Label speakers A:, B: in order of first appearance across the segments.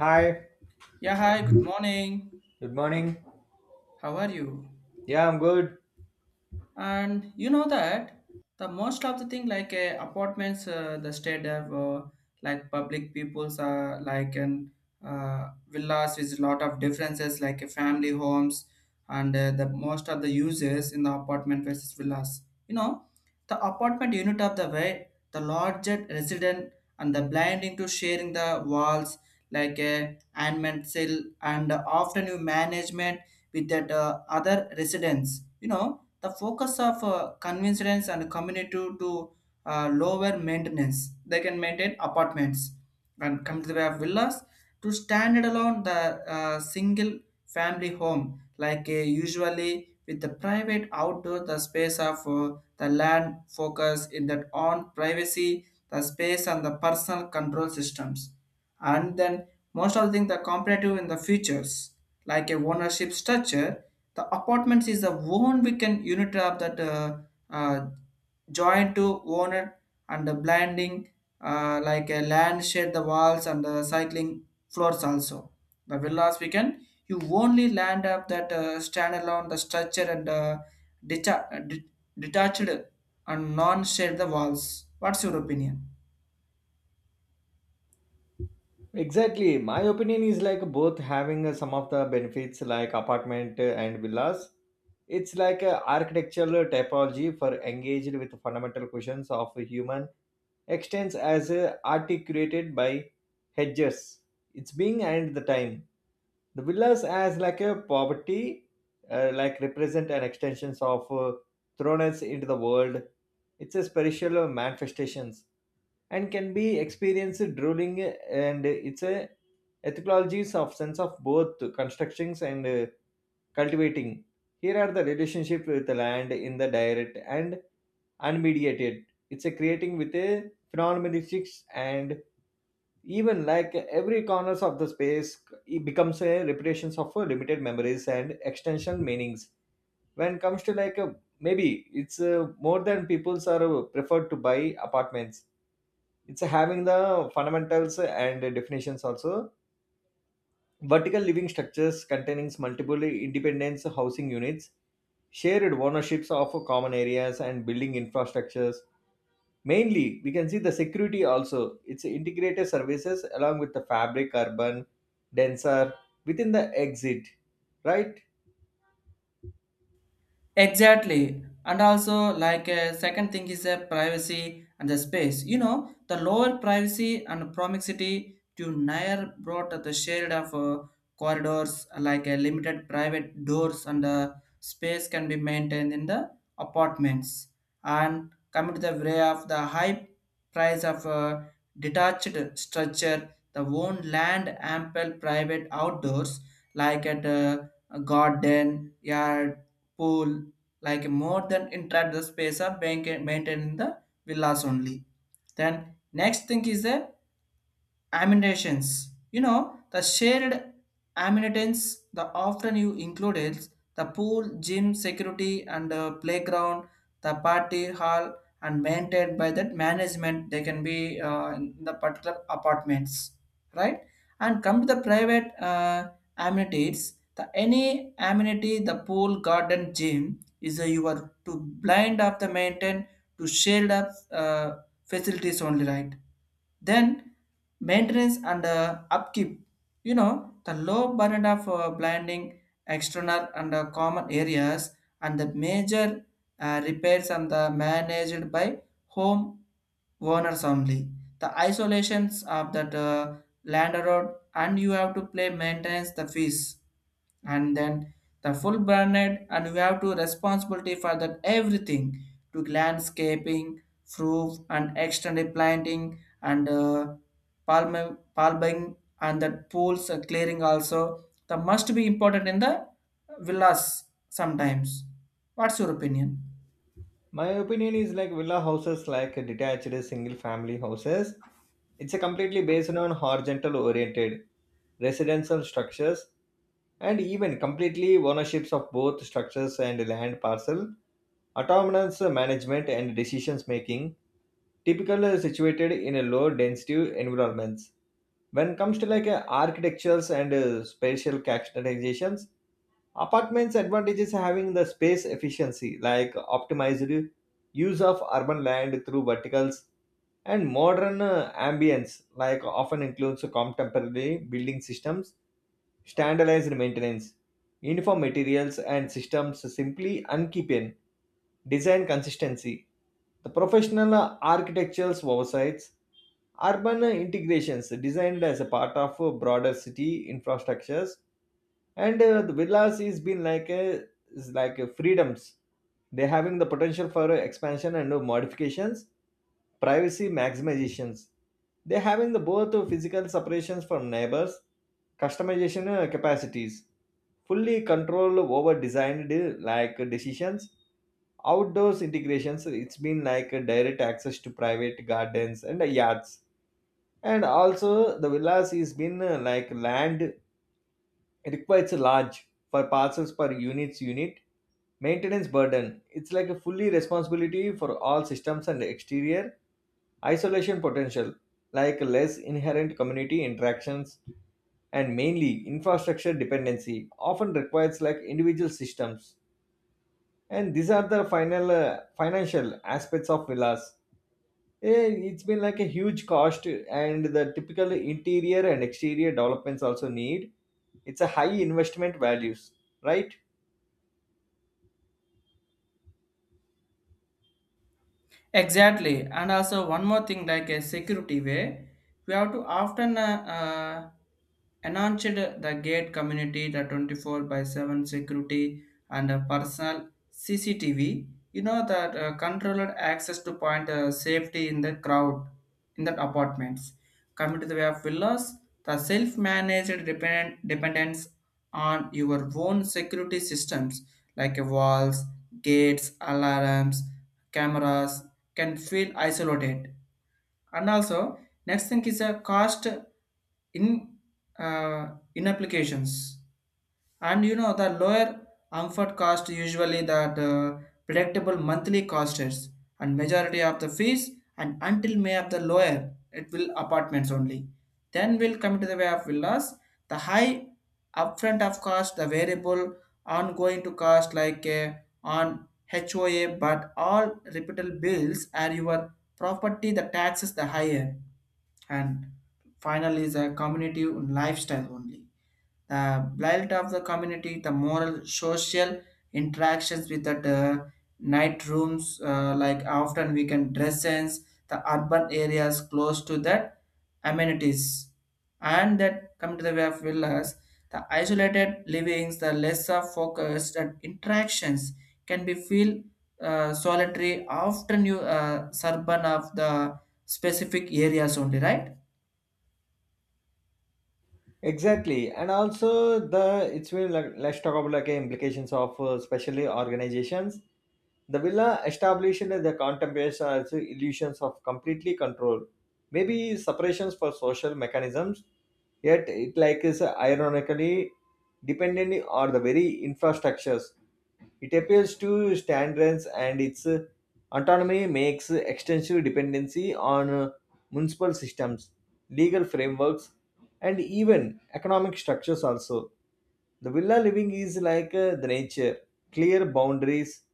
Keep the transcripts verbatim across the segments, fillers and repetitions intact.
A: Hi,
B: Yeah, hi, good morning.
A: good morning.
B: How are you?
A: Yeah, I'm good.
B: And you know that the most of the thing like uh, apartments uh, the state have uh, like public peoples are like and uh, villas with lot of differences like uh, family homes and uh, the most of the uses in the apartment versus villas, you know, the apartment unit of the way the larger resident and the blinding to sharing the walls like a and cell and often you management with that uh, other residents, you know, the focus of uh, convenience and community to uh, lower maintenance. They can maintain apartments and come to the way of villas to standard alone the uh, single family home like uh, usually with the private outdoor the space of uh, the land focus in that on privacy the space and the personal control systems. And then most of the thing the comparative in the features like a ownership structure, the apartments is the one weekend unit of that uh, uh, joint to owner and the blending uh, like a land shade the walls and the cycling floors also. The villas weekend you only land up that uh, standalone the structure and uh, deta- uh, de- detached and non shade the walls. What's your opinion?
A: Exactly. My opinion is like both having uh, some of the benefits like apartment uh, and villas. It's like a architectural typology for engaged with fundamental questions of a human extents as uh, articulated by hedges. It's being and the time. The villas as like a poverty, uh, like represent an extensions of uh, thrones into the world. It's a spiritual manifestations and can be experienced drooling and its a ethologies of sense of both constructions and uh, cultivating. Here are the relationship with the land in the direct and unmediated. It's a creating with a phenomenologic, and even like every corners of the space it becomes a repetitions of uh, limited memories and extension meanings. When it comes to like a, maybe it's uh, more than peoples are uh, preferred to buy apartments, it's having the fundamentals and definitions also, vertical living structures containing multiple independent housing units, shared ownerships of common areas and building infrastructures. Mainly we can see the security also, it's integrated services along with the fabric urban denser within the exit, right?
B: Exactly. And also, like, uh, second thing is uh, privacy and the space. You know, the lower privacy and proximity to Nair brought the shade of uh, corridors, like uh, limited private doors, and uh, space can be maintained in the apartments. And coming to the way of the high price of uh, detached structure, the own land, ample private outdoors, like at uh, a garden, yard, pool, like more than interact the space of bank maintaining the villas only. Then next thing is a amenities. You know, the shared amenities, the often you included the pool, gym, security, and uh, playground, the party hall, and maintained by that management. They can be uh, in the particular apartments, right? And come to the private uh, amenities. The any amenity, the pool, garden, gym is uh, you are to blind of the maintain to shield up uh, facilities only, right? Then maintenance and uh, upkeep, you know, the low burden of uh, blinding external and uh, common areas, and the major uh, repairs and the managed by home owners only. The isolations of that uh, land road and you have to play maintenance the fees, and then the full branded and you have to responsibility for that everything to landscaping, roof and external planting and uh, palm palming and that pools uh, clearing also. The must be important in the villas sometimes. What's your opinion?
A: My opinion is like villa houses, like detached single family houses. It's a completely based on horizontal oriented residential structures and even completely ownerships of both structures and land parcel, autonomous management and decisions making, typically situated in a low density environments. When it comes to like uh, architectures and uh, spatial characterizations, apartments' advantages having the space efficiency, like optimized use of urban land through verticals, and modern uh, ambience, like often includes contemporary building systems, standardized maintenance, uniform materials and systems simply unkeeping, design consistency, the professional uh, architecture's oversights, urban uh, integrations designed as a part of uh, broader city infrastructures. And uh, the villas is been like a, is like a freedoms. They having the potential for expansion and uh, modifications, privacy maximizations. They having the both uh, physical separations from neighbors, customization uh, capacities, fully control over designed uh, like decisions, outdoors integrations. It's been like a direct access to private gardens and uh, yards. And also the villas is been uh, like land requires a large for parcels per units unit, maintenance burden. It's like a fully responsibility for all systems and exterior, isolation potential, like less inherent community interactions, and mainly infrastructure dependency often requires like individual systems. And these are the final uh, financial aspects of villas. Eh, It's been like a huge cost, and the typical interior and exterior developments also need. It's a high investment values, right?
B: Exactly, and also one more thing like a security way, we have to often uh, uh, announced the gate community the twenty-four by seven security and a personal C C T V. You know that uh, controlled access to point uh, safety in the crowd in the apartments. Coming to the way of villas, the self-managed dependent dependence on your own security systems like uh, walls, gates, alarms, cameras, can feel isolated. And also next thing is a cost in uh, in applications. And you know the lower amphit cost usually that uh, predictable monthly costers and majority of the fees and until may of the lower it will apartments only. Then will come to the way of villas, the high upfront of cost, the variable ongoing to cost like uh, on H O A, but all repeatable bills are your property, the taxes the higher. And finally is a community lifestyle only, the blight of the community, the moral social interactions with the uh, night rooms, uh, like often we can dress sense, the urban areas close to the amenities. And that come to the way of villas, the isolated livings, the lesser focused and interactions can be feel uh, solitary often you uh, suburban of the specific areas only, right?
A: Exactly, and also the it's really like, let's talk about like implications of uh, especially organizations. The villa established the contemplation as illusions of completely control, maybe separations for social mechanisms, yet it like is ironically dependent on the very infrastructures. It appeals to standards, and its autonomy makes extensive dependency on uh, municipal systems, legal frameworks, and even economic structures also. The villa living is like uh, the nature, clear boundaries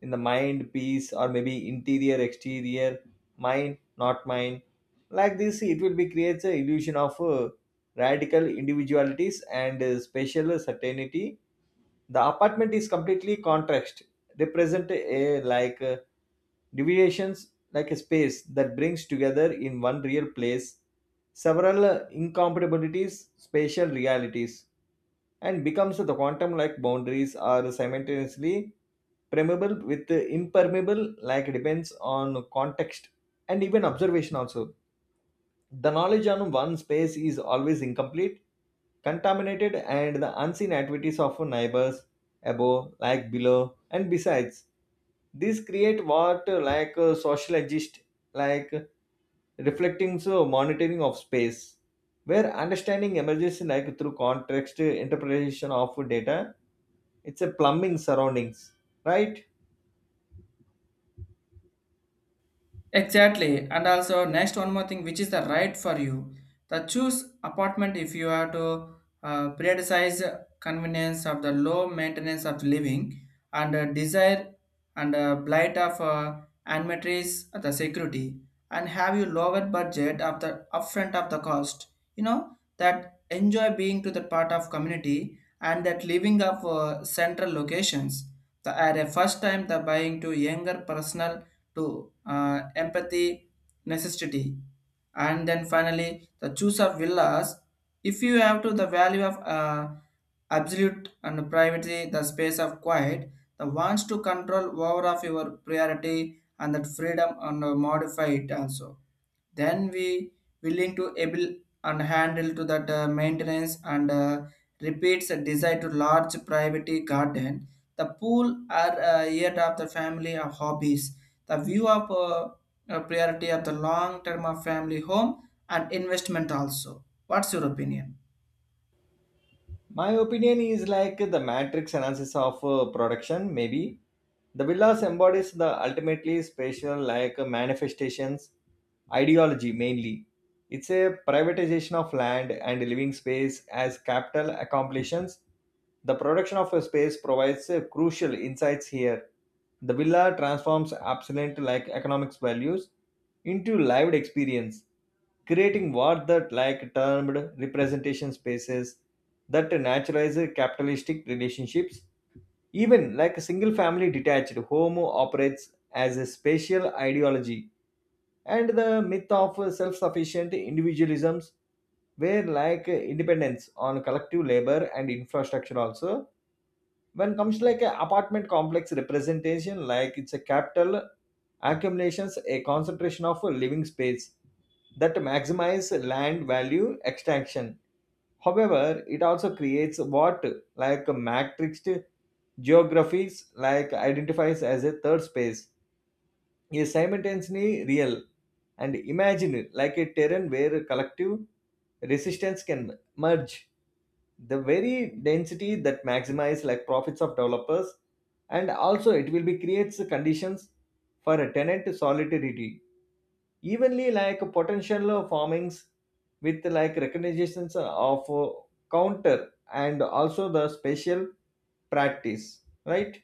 A: in the mind, peace, or maybe interior, exterior, mind, not mind. Like this, it will be creates a illusion of uh, radical individualities and uh, spatial certainty. The apartment is completely contrast, represent a like uh, deviations, like a space that brings together in one real place several incompatibilities, spatial realities, and becomes the quantum like boundaries are simultaneously permeable with the impermeable, like depends on context and even observation also. The knowledge on one space is always incomplete, contaminated and the unseen activities of neighbors above, like below and besides. These create what uh, like uh, social exist, like reflecting so monitoring of space, where understanding emerges like through context interpretation of data. It's a plumbing surroundings, right
B: Exactly. And also next one more thing, which is the right for you. The choose apartment if you have to uh, prioritize convenience of the low maintenance of living and uh, desire and uh, blight of uh, amenities, uh, the security, and have you lower budget of the upfront of the cost. You know that enjoy being to the part of community and that living of uh, central locations. The, at a first time the buying to younger personal to uh, empathy necessity. And then finally the choose of villas, if you have to the value of uh, absolute and privacy the space of quiet, the wants to control over of your priority and that freedom and uh, modify it also, then we willing to able and handle to that uh, maintenance and uh, repeats a desire to large private garden, the pool, are uh, yet of the family of hobbies, the view of uh, uh, priority of the long term of family home and investment also. What's your opinion?
A: My opinion is like the matrix analysis of uh, production, maybe. The villas embodies the ultimately spatial like uh, manifestations, ideology mainly. It's a privatization of land and living space as capital accomplishments. The production of a space provides uh, crucial insights here. The villa transforms absent like economics values into lived experience creating what that like termed representation spaces that naturalize capitalistic relationships. Even like a single family detached home operates as a spatial ideology and the myth of self-sufficient individualisms where like independence on collective labor and infrastructure also when comes to like a apartment complex representation like it's a capital accumulations a concentration of living space that maximize land value extraction However, it also creates what like matrixed geographies like identifies as a third space, is simultaneously real and imagined like a terrain where collective resistance can merge. The very density that maximize like profits of developers and also it will be creates conditions for a tenant solidarity evenly like potential formings with like recognitions of uh, counter and also the special practice right?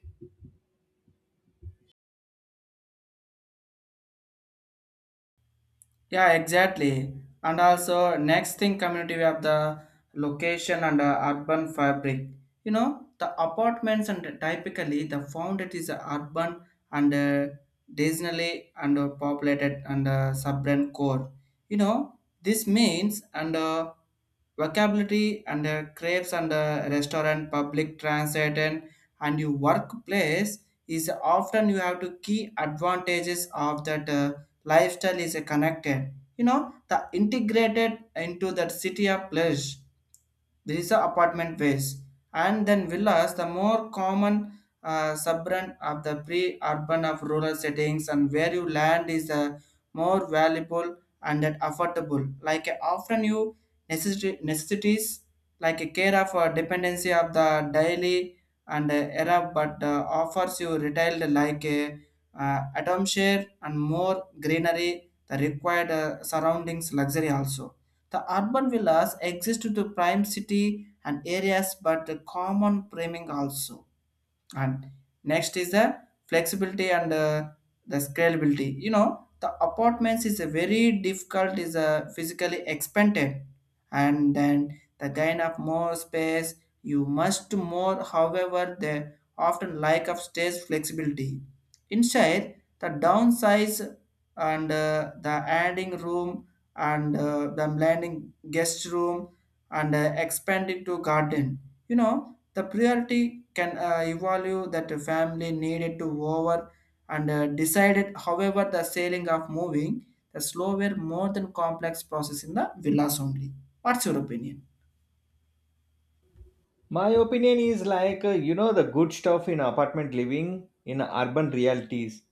B: Yeah, exactly. And also, next thing, community, we have the location and uh, urban fabric. You know, the apartments and typically the founded is a urban and uh, disney and uh, populated and uh, suburban core. You know, this means and uh, vocabulary and uh, crepes and uh, restaurant, public transit, and, and your workplace is often you have to key advantages of that. Uh, lifestyle is a connected, you know, the integrated into that city of pleasure, there is a apartment ways. And then villas the more common uh, suburban of the pre-urban of rural settings, and where you land is uh, more valuable and that affordable like uh, often you necessity, necessities like a care of uh, dependency of the daily and uh, era, but uh, offers you retailed like a uh, atom share and more greenery the required uh, surroundings luxury also. The urban villas exist to prime city and areas but the common priming also. And next is the flexibility and uh, the scalability. You know, the apartments is a very difficult, is a physically expanded, and then the gain of more space you must more. However, they often lack of stage flexibility inside the downsize and uh, the adding room and uh, the landing guest room and uh, expanding to garden. You know, the priority can uh, evaluate that a family needed to over and uh, decided. However, the sailing of moving the slower, more than complex process in the villas only. What's your opinion?
A: My opinion is like uh, you know the good stuff in apartment living in urban realities.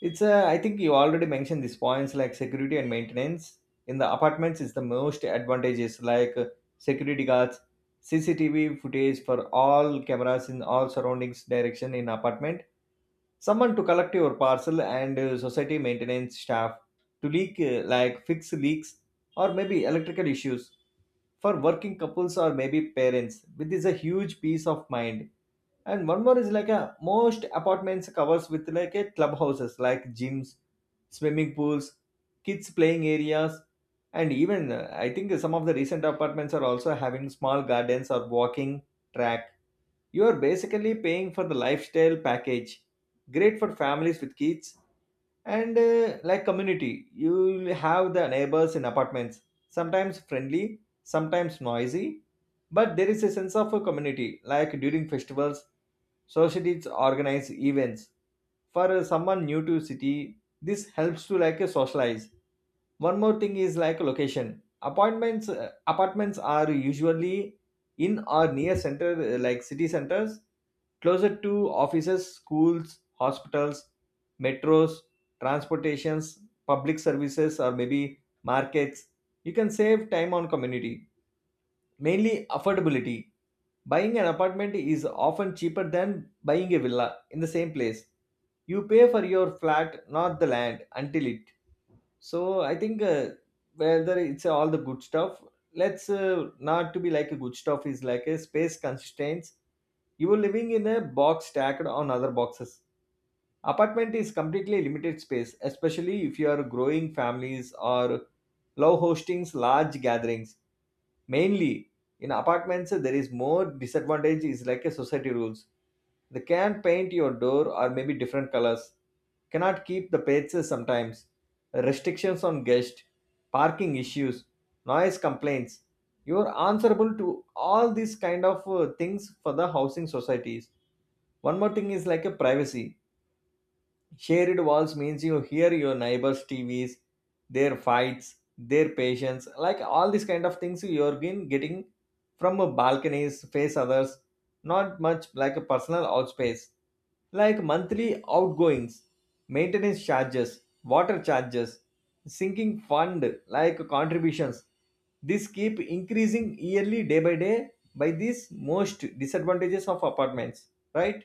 A: It's uh, I think you already mentioned these points like security and maintenance in the apartments is the most advantages, like uh, security guards, CCTV footage for all cameras in all surroundings direction in apartment, someone to collect your parcel and uh, society maintenance staff to leak uh, like fix leaks or maybe electrical issues. For working couples or maybe parents with is a huge peace of mind. And one more is like a most apartments covers with like a clubhouses like gyms, swimming pools, kids playing areas. And even uh, I think some of the recent apartments are also having small gardens or walking track. You are basically paying for the lifestyle package, great for families with kids, and uh, like community. You'll have the neighbors in apartments, sometimes friendly, sometimes noisy, but there is a sense of a community, like during festivals, societies organize events. For uh, someone new to city this helps to like uh, socialize. One more thing is like location appointments, uh, apartments are usually in or near center uh, like city centers, closer to offices, schools, hospitals, metros, transportations, public services, or maybe markets. You can save time on community. Mainly affordability. Buying an apartment is often cheaper than buying a villa in the same place. You pay for your flat, not the land, until it. So I think uh, whether it's all the good stuff, let's uh, not to be like a good stuff is like a space constraints. You are living in a box stacked on other boxes. Apartment is completely limited space, especially if you are growing families or love hosting large gatherings. Mainly in apartments, there is more disadvantage is like a society rules. They can't paint your door or maybe different colors. Cannot keep the pets sometimes. Restrictions on guest, parking issues, noise complaints. You are answerable to all these kind of uh, things for the housing societies. One more thing is like a privacy. Shared walls means you hear your neighbors' T Vs, their fights, their patients, like all these kind of things you're been getting from a balconies, face others, not much like a personal outspace. Like monthly outgoings, maintenance charges, water charges, sinking fund, like contributions. This keep increasing yearly day by day by these most disadvantages of apartments, right?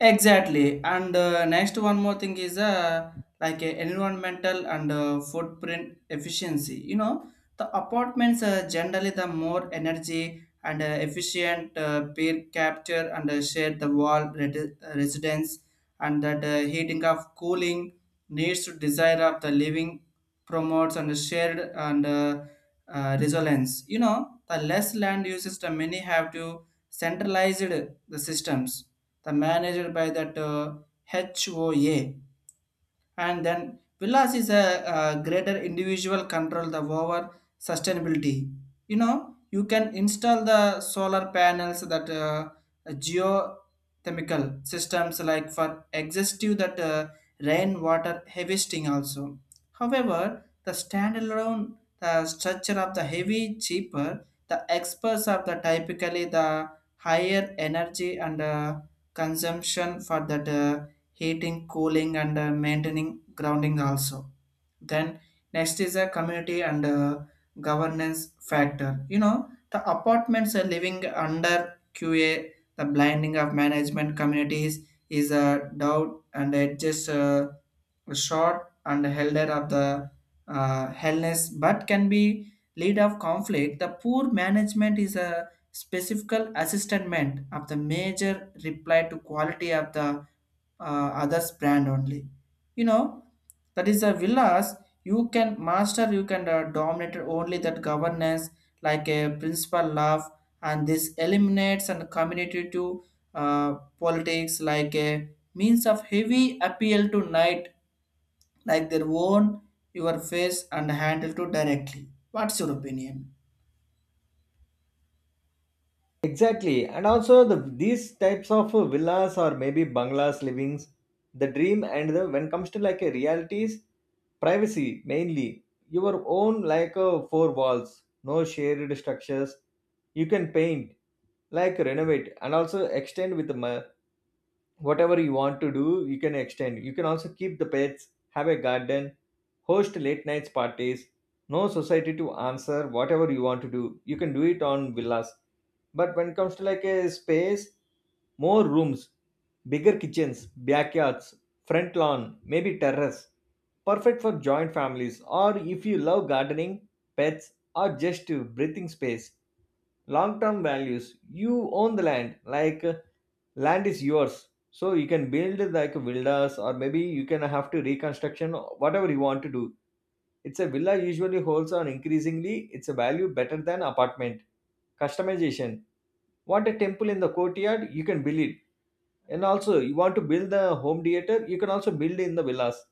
B: Exactly. And uh, next one more thing is uh, like uh, environmental and uh, footprint efficiency. You know, the apartments are generally the more energy and uh, efficient uh, peer capture and uh, share the wall redi- uh, residence and that uh, heating of cooling needs to desire of the living promotes and shared and uh, uh, resilience. You know, the less land uses the many have to centralized the systems the manager by that uh, H O A. And then villas is a uh greater individual control the over sustainability. You know, you can install the solar panels that uh, geothermal systems, like for exhaustive that uh, rainwater harvesting also. However, the standalone the structure of the heavy cheaper the experts are the typically the higher energy and uh, consumption for that uh, heating, cooling, and uh, maintaining grounding also. Then next is a community and uh, governance factor. You know, the apartments are living under Q A, the blinding of management communities is a doubt and it just uh, short and elder of the uh, hellness, but can be lead of conflict. The poor management is a specific assessment of the major reply to quality of the uh, others brand only. You know that is the villas, you can master, you can uh, dominate only that governance like a principal love, and this eliminates and community to uh, politics like a means of heavy appeal to night like their own your face and handle to directly. What's your opinion?
A: Exactly, and also the these types of uh, villas or maybe bungalows, livings, the dream and the when comes to like a realities, privacy mainly, your own like uh, four walls, no shared structures. You can paint, like renovate, and also extend with the ma- whatever you want to do you can extend, you can also keep the pets, have a garden, host late nights parties, no society to answer, whatever you want to do you can do it on villas. But when it comes to like a space, more rooms, bigger kitchens, backyards, front lawn, maybe terrace, perfect for joint families or if you love gardening, pets, or just to breathing space. Long term values, you own the land, like uh, land is yours, so you can build like villas or maybe you can have to reconstruction whatever you want to do. It's a villa usually holds on increasingly it's a value better than apartment. Customization, want a temple in the courtyard you can build it. And also you want to build the home theater you can also build in the villas,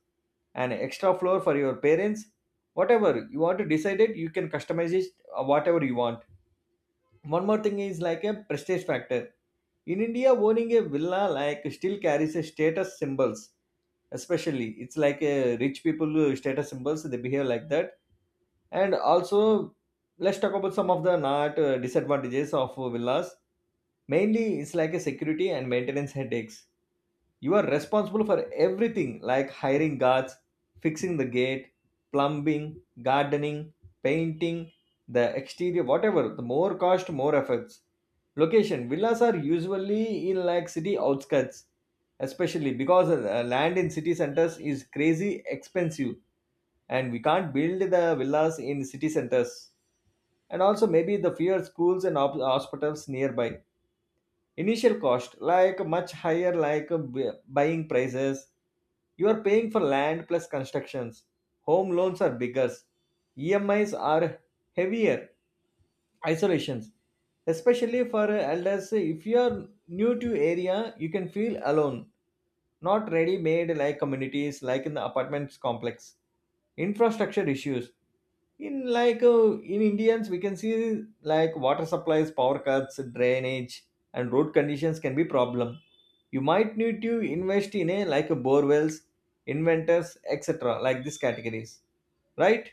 A: an extra floor for your parents, whatever you want to decide it you can customize it, uh, whatever you want. One more thing is like a prestige factor. In India owning a villa like still carries a status symbols, especially it's like a rich people uh, status symbols, they behave like that. And also, let's talk about some of the not uh, disadvantages of villas. Mainly it's like a security and maintenance headaches. You are responsible for everything, like hiring guards, fixing the gate, plumbing, gardening, painting, the exterior, whatever. The more cost, more efforts. Location villas are usually in like city outskirts, especially because uh, land in city centers is crazy expensive and we can't build the villas in city centers. And also, maybe the fewer schools and op- hospitals nearby. Initial cost, like much higher, like uh, bu- buying prices. You are paying for land plus constructions. Home loans are bigger. E M Is are heavier. Isolations, especially for uh, elders. If you are new to area, you can feel alone. Not ready-made like communities like in the apartments complex. Infrastructure issues in like uh, in indians, we can see like water supplies, power cuts, drainage, and road conditions can be problem. You might need to invest in a like a bore wells, inventors, etc, like these categories, right?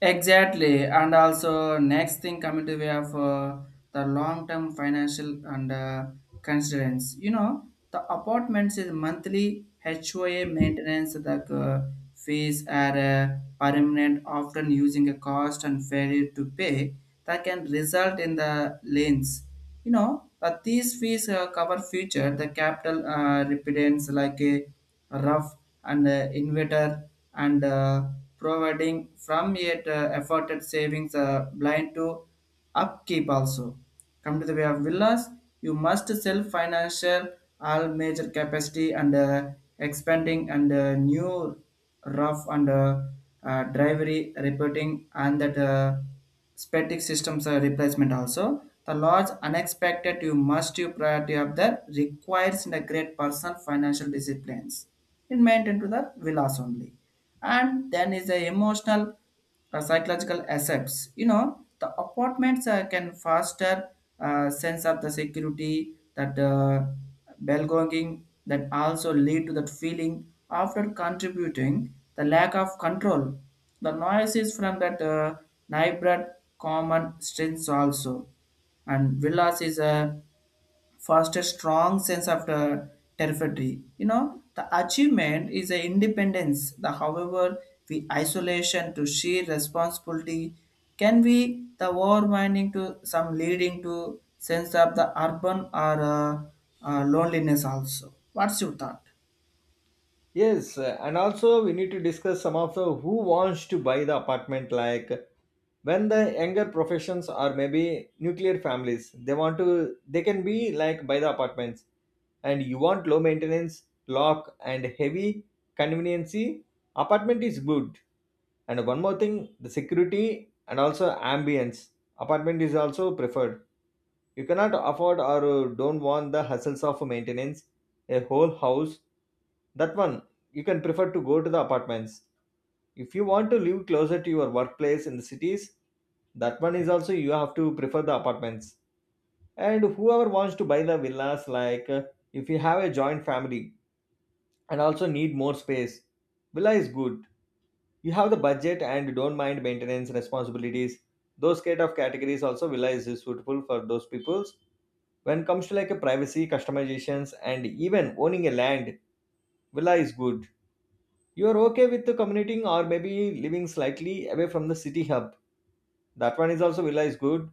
B: Exactly, and also next thing coming to way of uh, the long-term financial and uh, constraints. You know, the apartments is monthly H O A maintenance. The uh, fees are uh, permanent, often using a cost and failure to pay, that can result in the liens. You know, but these fees uh, cover future the capital uh, repentance like a rough and uh, inverter and uh, providing from yet uh, afforded savings uh, blind to upkeep also. Come to the way of villas, you must self financial all major capacity and uh, expanding and uh, new rough and uh, uh, drivery reporting and that. Uh, static systems uh, replacement also. The large unexpected you must you priority of the requires in a great personal financial disciplines. It maintain to the villas only. And then is the emotional uh, psychological assets. You know, the apartments uh, can foster uh, sense of the security that uh, belonging, that also lead to that feeling after contributing the lack of control. The noise is from that uh, neighborhood common strengths also. And villas is a foster strong sense of the territory. You know, the achievement is a independence. The however, the isolation to sheer responsibility can be the overwhelming to some, leading to sense of the urban or uh, uh, loneliness also. What's your thought?
A: Yes, uh, and also we need to discuss some of the who wants to buy the apartment. Like when the younger professions are maybe nuclear families, they want to, they can be like by the apartments. And you want low maintenance, lock and heavy conveniency, apartment is good. And one more thing, the security and also ambience, apartment is also preferred. You cannot afford or uh, don't want the hassles of maintenance, a whole house. That one, you can prefer to go to the apartments. If you want to live closer to your workplace in the cities, that one is also you have to prefer the apartments. And whoever wants to buy the villas, like uh, if you have a joint family, and also need more space, Villa is good. You have the budget and don't mind maintenance responsibilities. Those kind of categories also Villa is suitable for those peoples. When it comes to like a privacy, customizations, and even owning a land, Villa is good. You are okay with the commuting or maybe living slightly away from the city hub. That one is also Villa is good.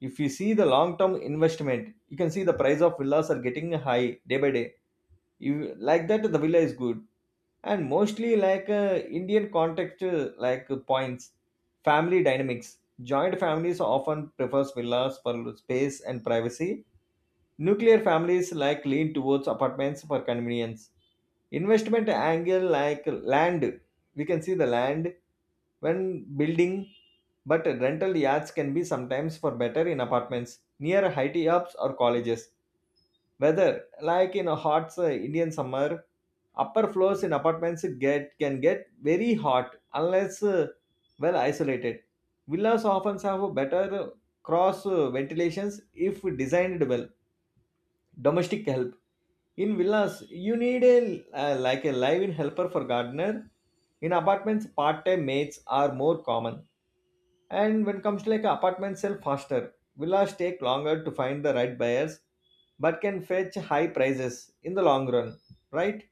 A: If you see the long term investment, you can see the price of villas are getting high day by day. You like that, the villa is good. And mostly like uh, indian context, uh, like uh, points, family dynamics, joint families often prefers villas for space and privacy, nuclear families like lean towards apartments for convenience. Investment angle, like land, we can see the land when building, but rental yards can be sometimes for better in apartments near high ups or colleges. Weather, like in a hot uh, Indian summer, upper floors in apartments get can get very hot unless uh, well isolated. Villas often have better uh, cross uh, ventilations if designed well. Domestic help in villas, you need a uh, like a live-in helper for gardener. In apartments, part-time mates are more common. And when it comes to like apartments sell faster, villas take longer to find the right buyers, but can fetch high prices in the long run, right?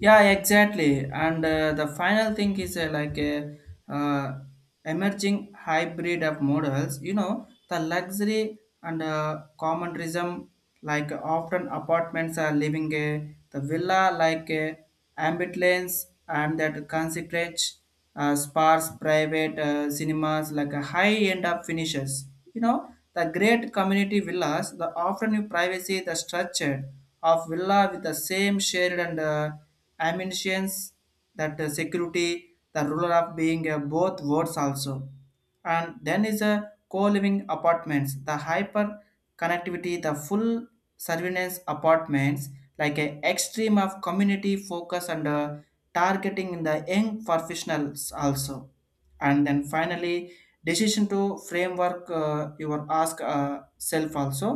B: Yeah, exactly. And uh, the final thing is uh, like a uh, emerging hybrid of models. You know, the luxury and uh, commonism, like often apartments are living a the villa like a ambulance and that concentrate uh, sparse private uh, cinemas like a high end of finishes. You know, the great community villas, the often privacy, the structure of villa with the same shared and uh, ambitions that uh, security the ruler of being uh, both words also. And then is a co-living apartments, the hyper connectivity, the full surveillance apartments like an extreme of community focus and uh, targeting in the young professionals also. And then finally decision to framework, uh, your ask uh, self also.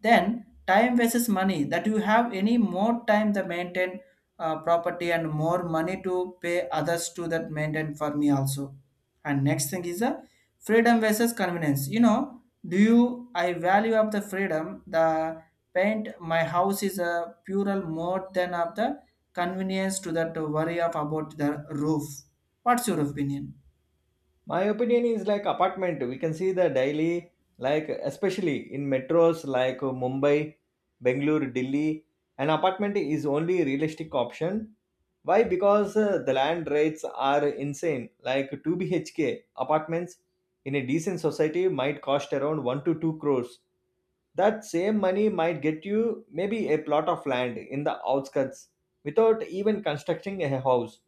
B: Then time versus money, that you have any more time to maintain uh, property and more money to pay others to that maintain for me also. And next thing is the freedom versus convenience. You know, do you I value of the freedom, the paint my house is a plural more than of the convenience to that worry of about the roof. What's your opinion?
A: My opinion is like apartment. We can see the daily, like especially in metros like Mumbai, Bangalore, Delhi, an apartment is only realistic option. Why? Because uh, the land rates are insane. Like two B H K apartments in a decent society might cost around one to two crores. That same money might get you maybe a plot of land in the outskirts without even constructing a house.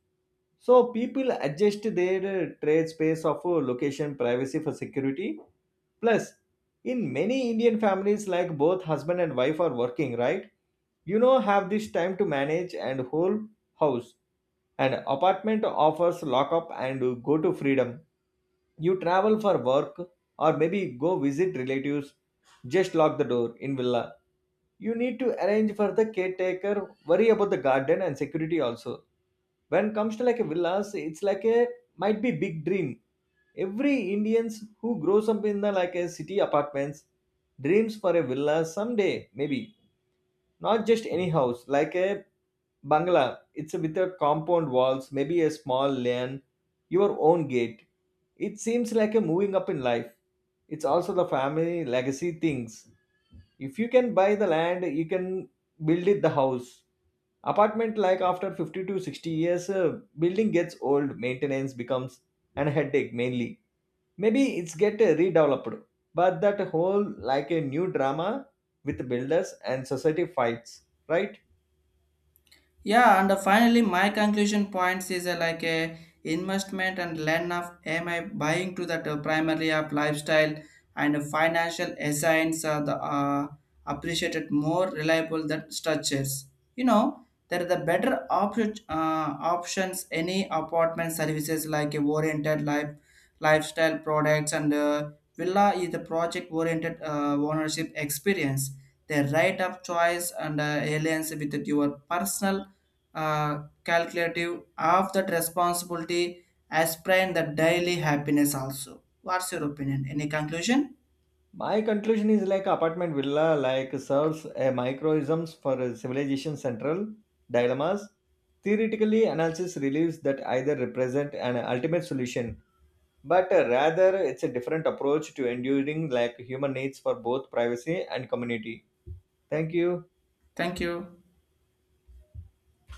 A: So people adjust their uh, trade space of uh, location, privacy for security. Plus, in many Indian families, like both husband and wife are working, right? You know, have this time to manage and whole house. An apartment offers lock up and uh, go to freedom. You travel for work or maybe go visit relatives. Just lock the door. In villa, you need to arrange for the caretaker, worry about the garden and security also. When it comes to like a villas, it's like a might be big dream. Every indians who grows up in the like a city apartments dreams for a villa someday, maybe. Not just any house, like a bangla, it's with a compound walls, maybe a small lane, your own gate. It seems like a moving up in life. It's also the family legacy things. If you can buy the land, you can build it the house. Apartment, like after fifty to sixty years, uh, building gets old, maintenance becomes an headache, mainly. Maybe it's get uh, redeveloped, but that whole like a new drama with builders and society fights, right?
B: Yeah, and uh, finally, my conclusion points is uh, like a investment and learn of am I buying to that uh, primary of lifestyle and uh, financial assigns are the uh, appreciated more reliable than structures. You know, there are the better op- uh, options any apartment services like a oriented life lifestyle products and uh, villa is the project oriented uh, ownership experience. The right of choice and uh, alliance with your personal uh, calculative of that responsibility aspirant the daily happiness also. What's your opinion? Any conclusion?
A: My conclusion is like apartment, villa, like serves a microisms for a civilization central dilemmas. Theoretically analysis relieves that either represent an ultimate solution, but uh, rather it's a different approach to enduring like human needs for both privacy and community. Thank you.
B: Thank you.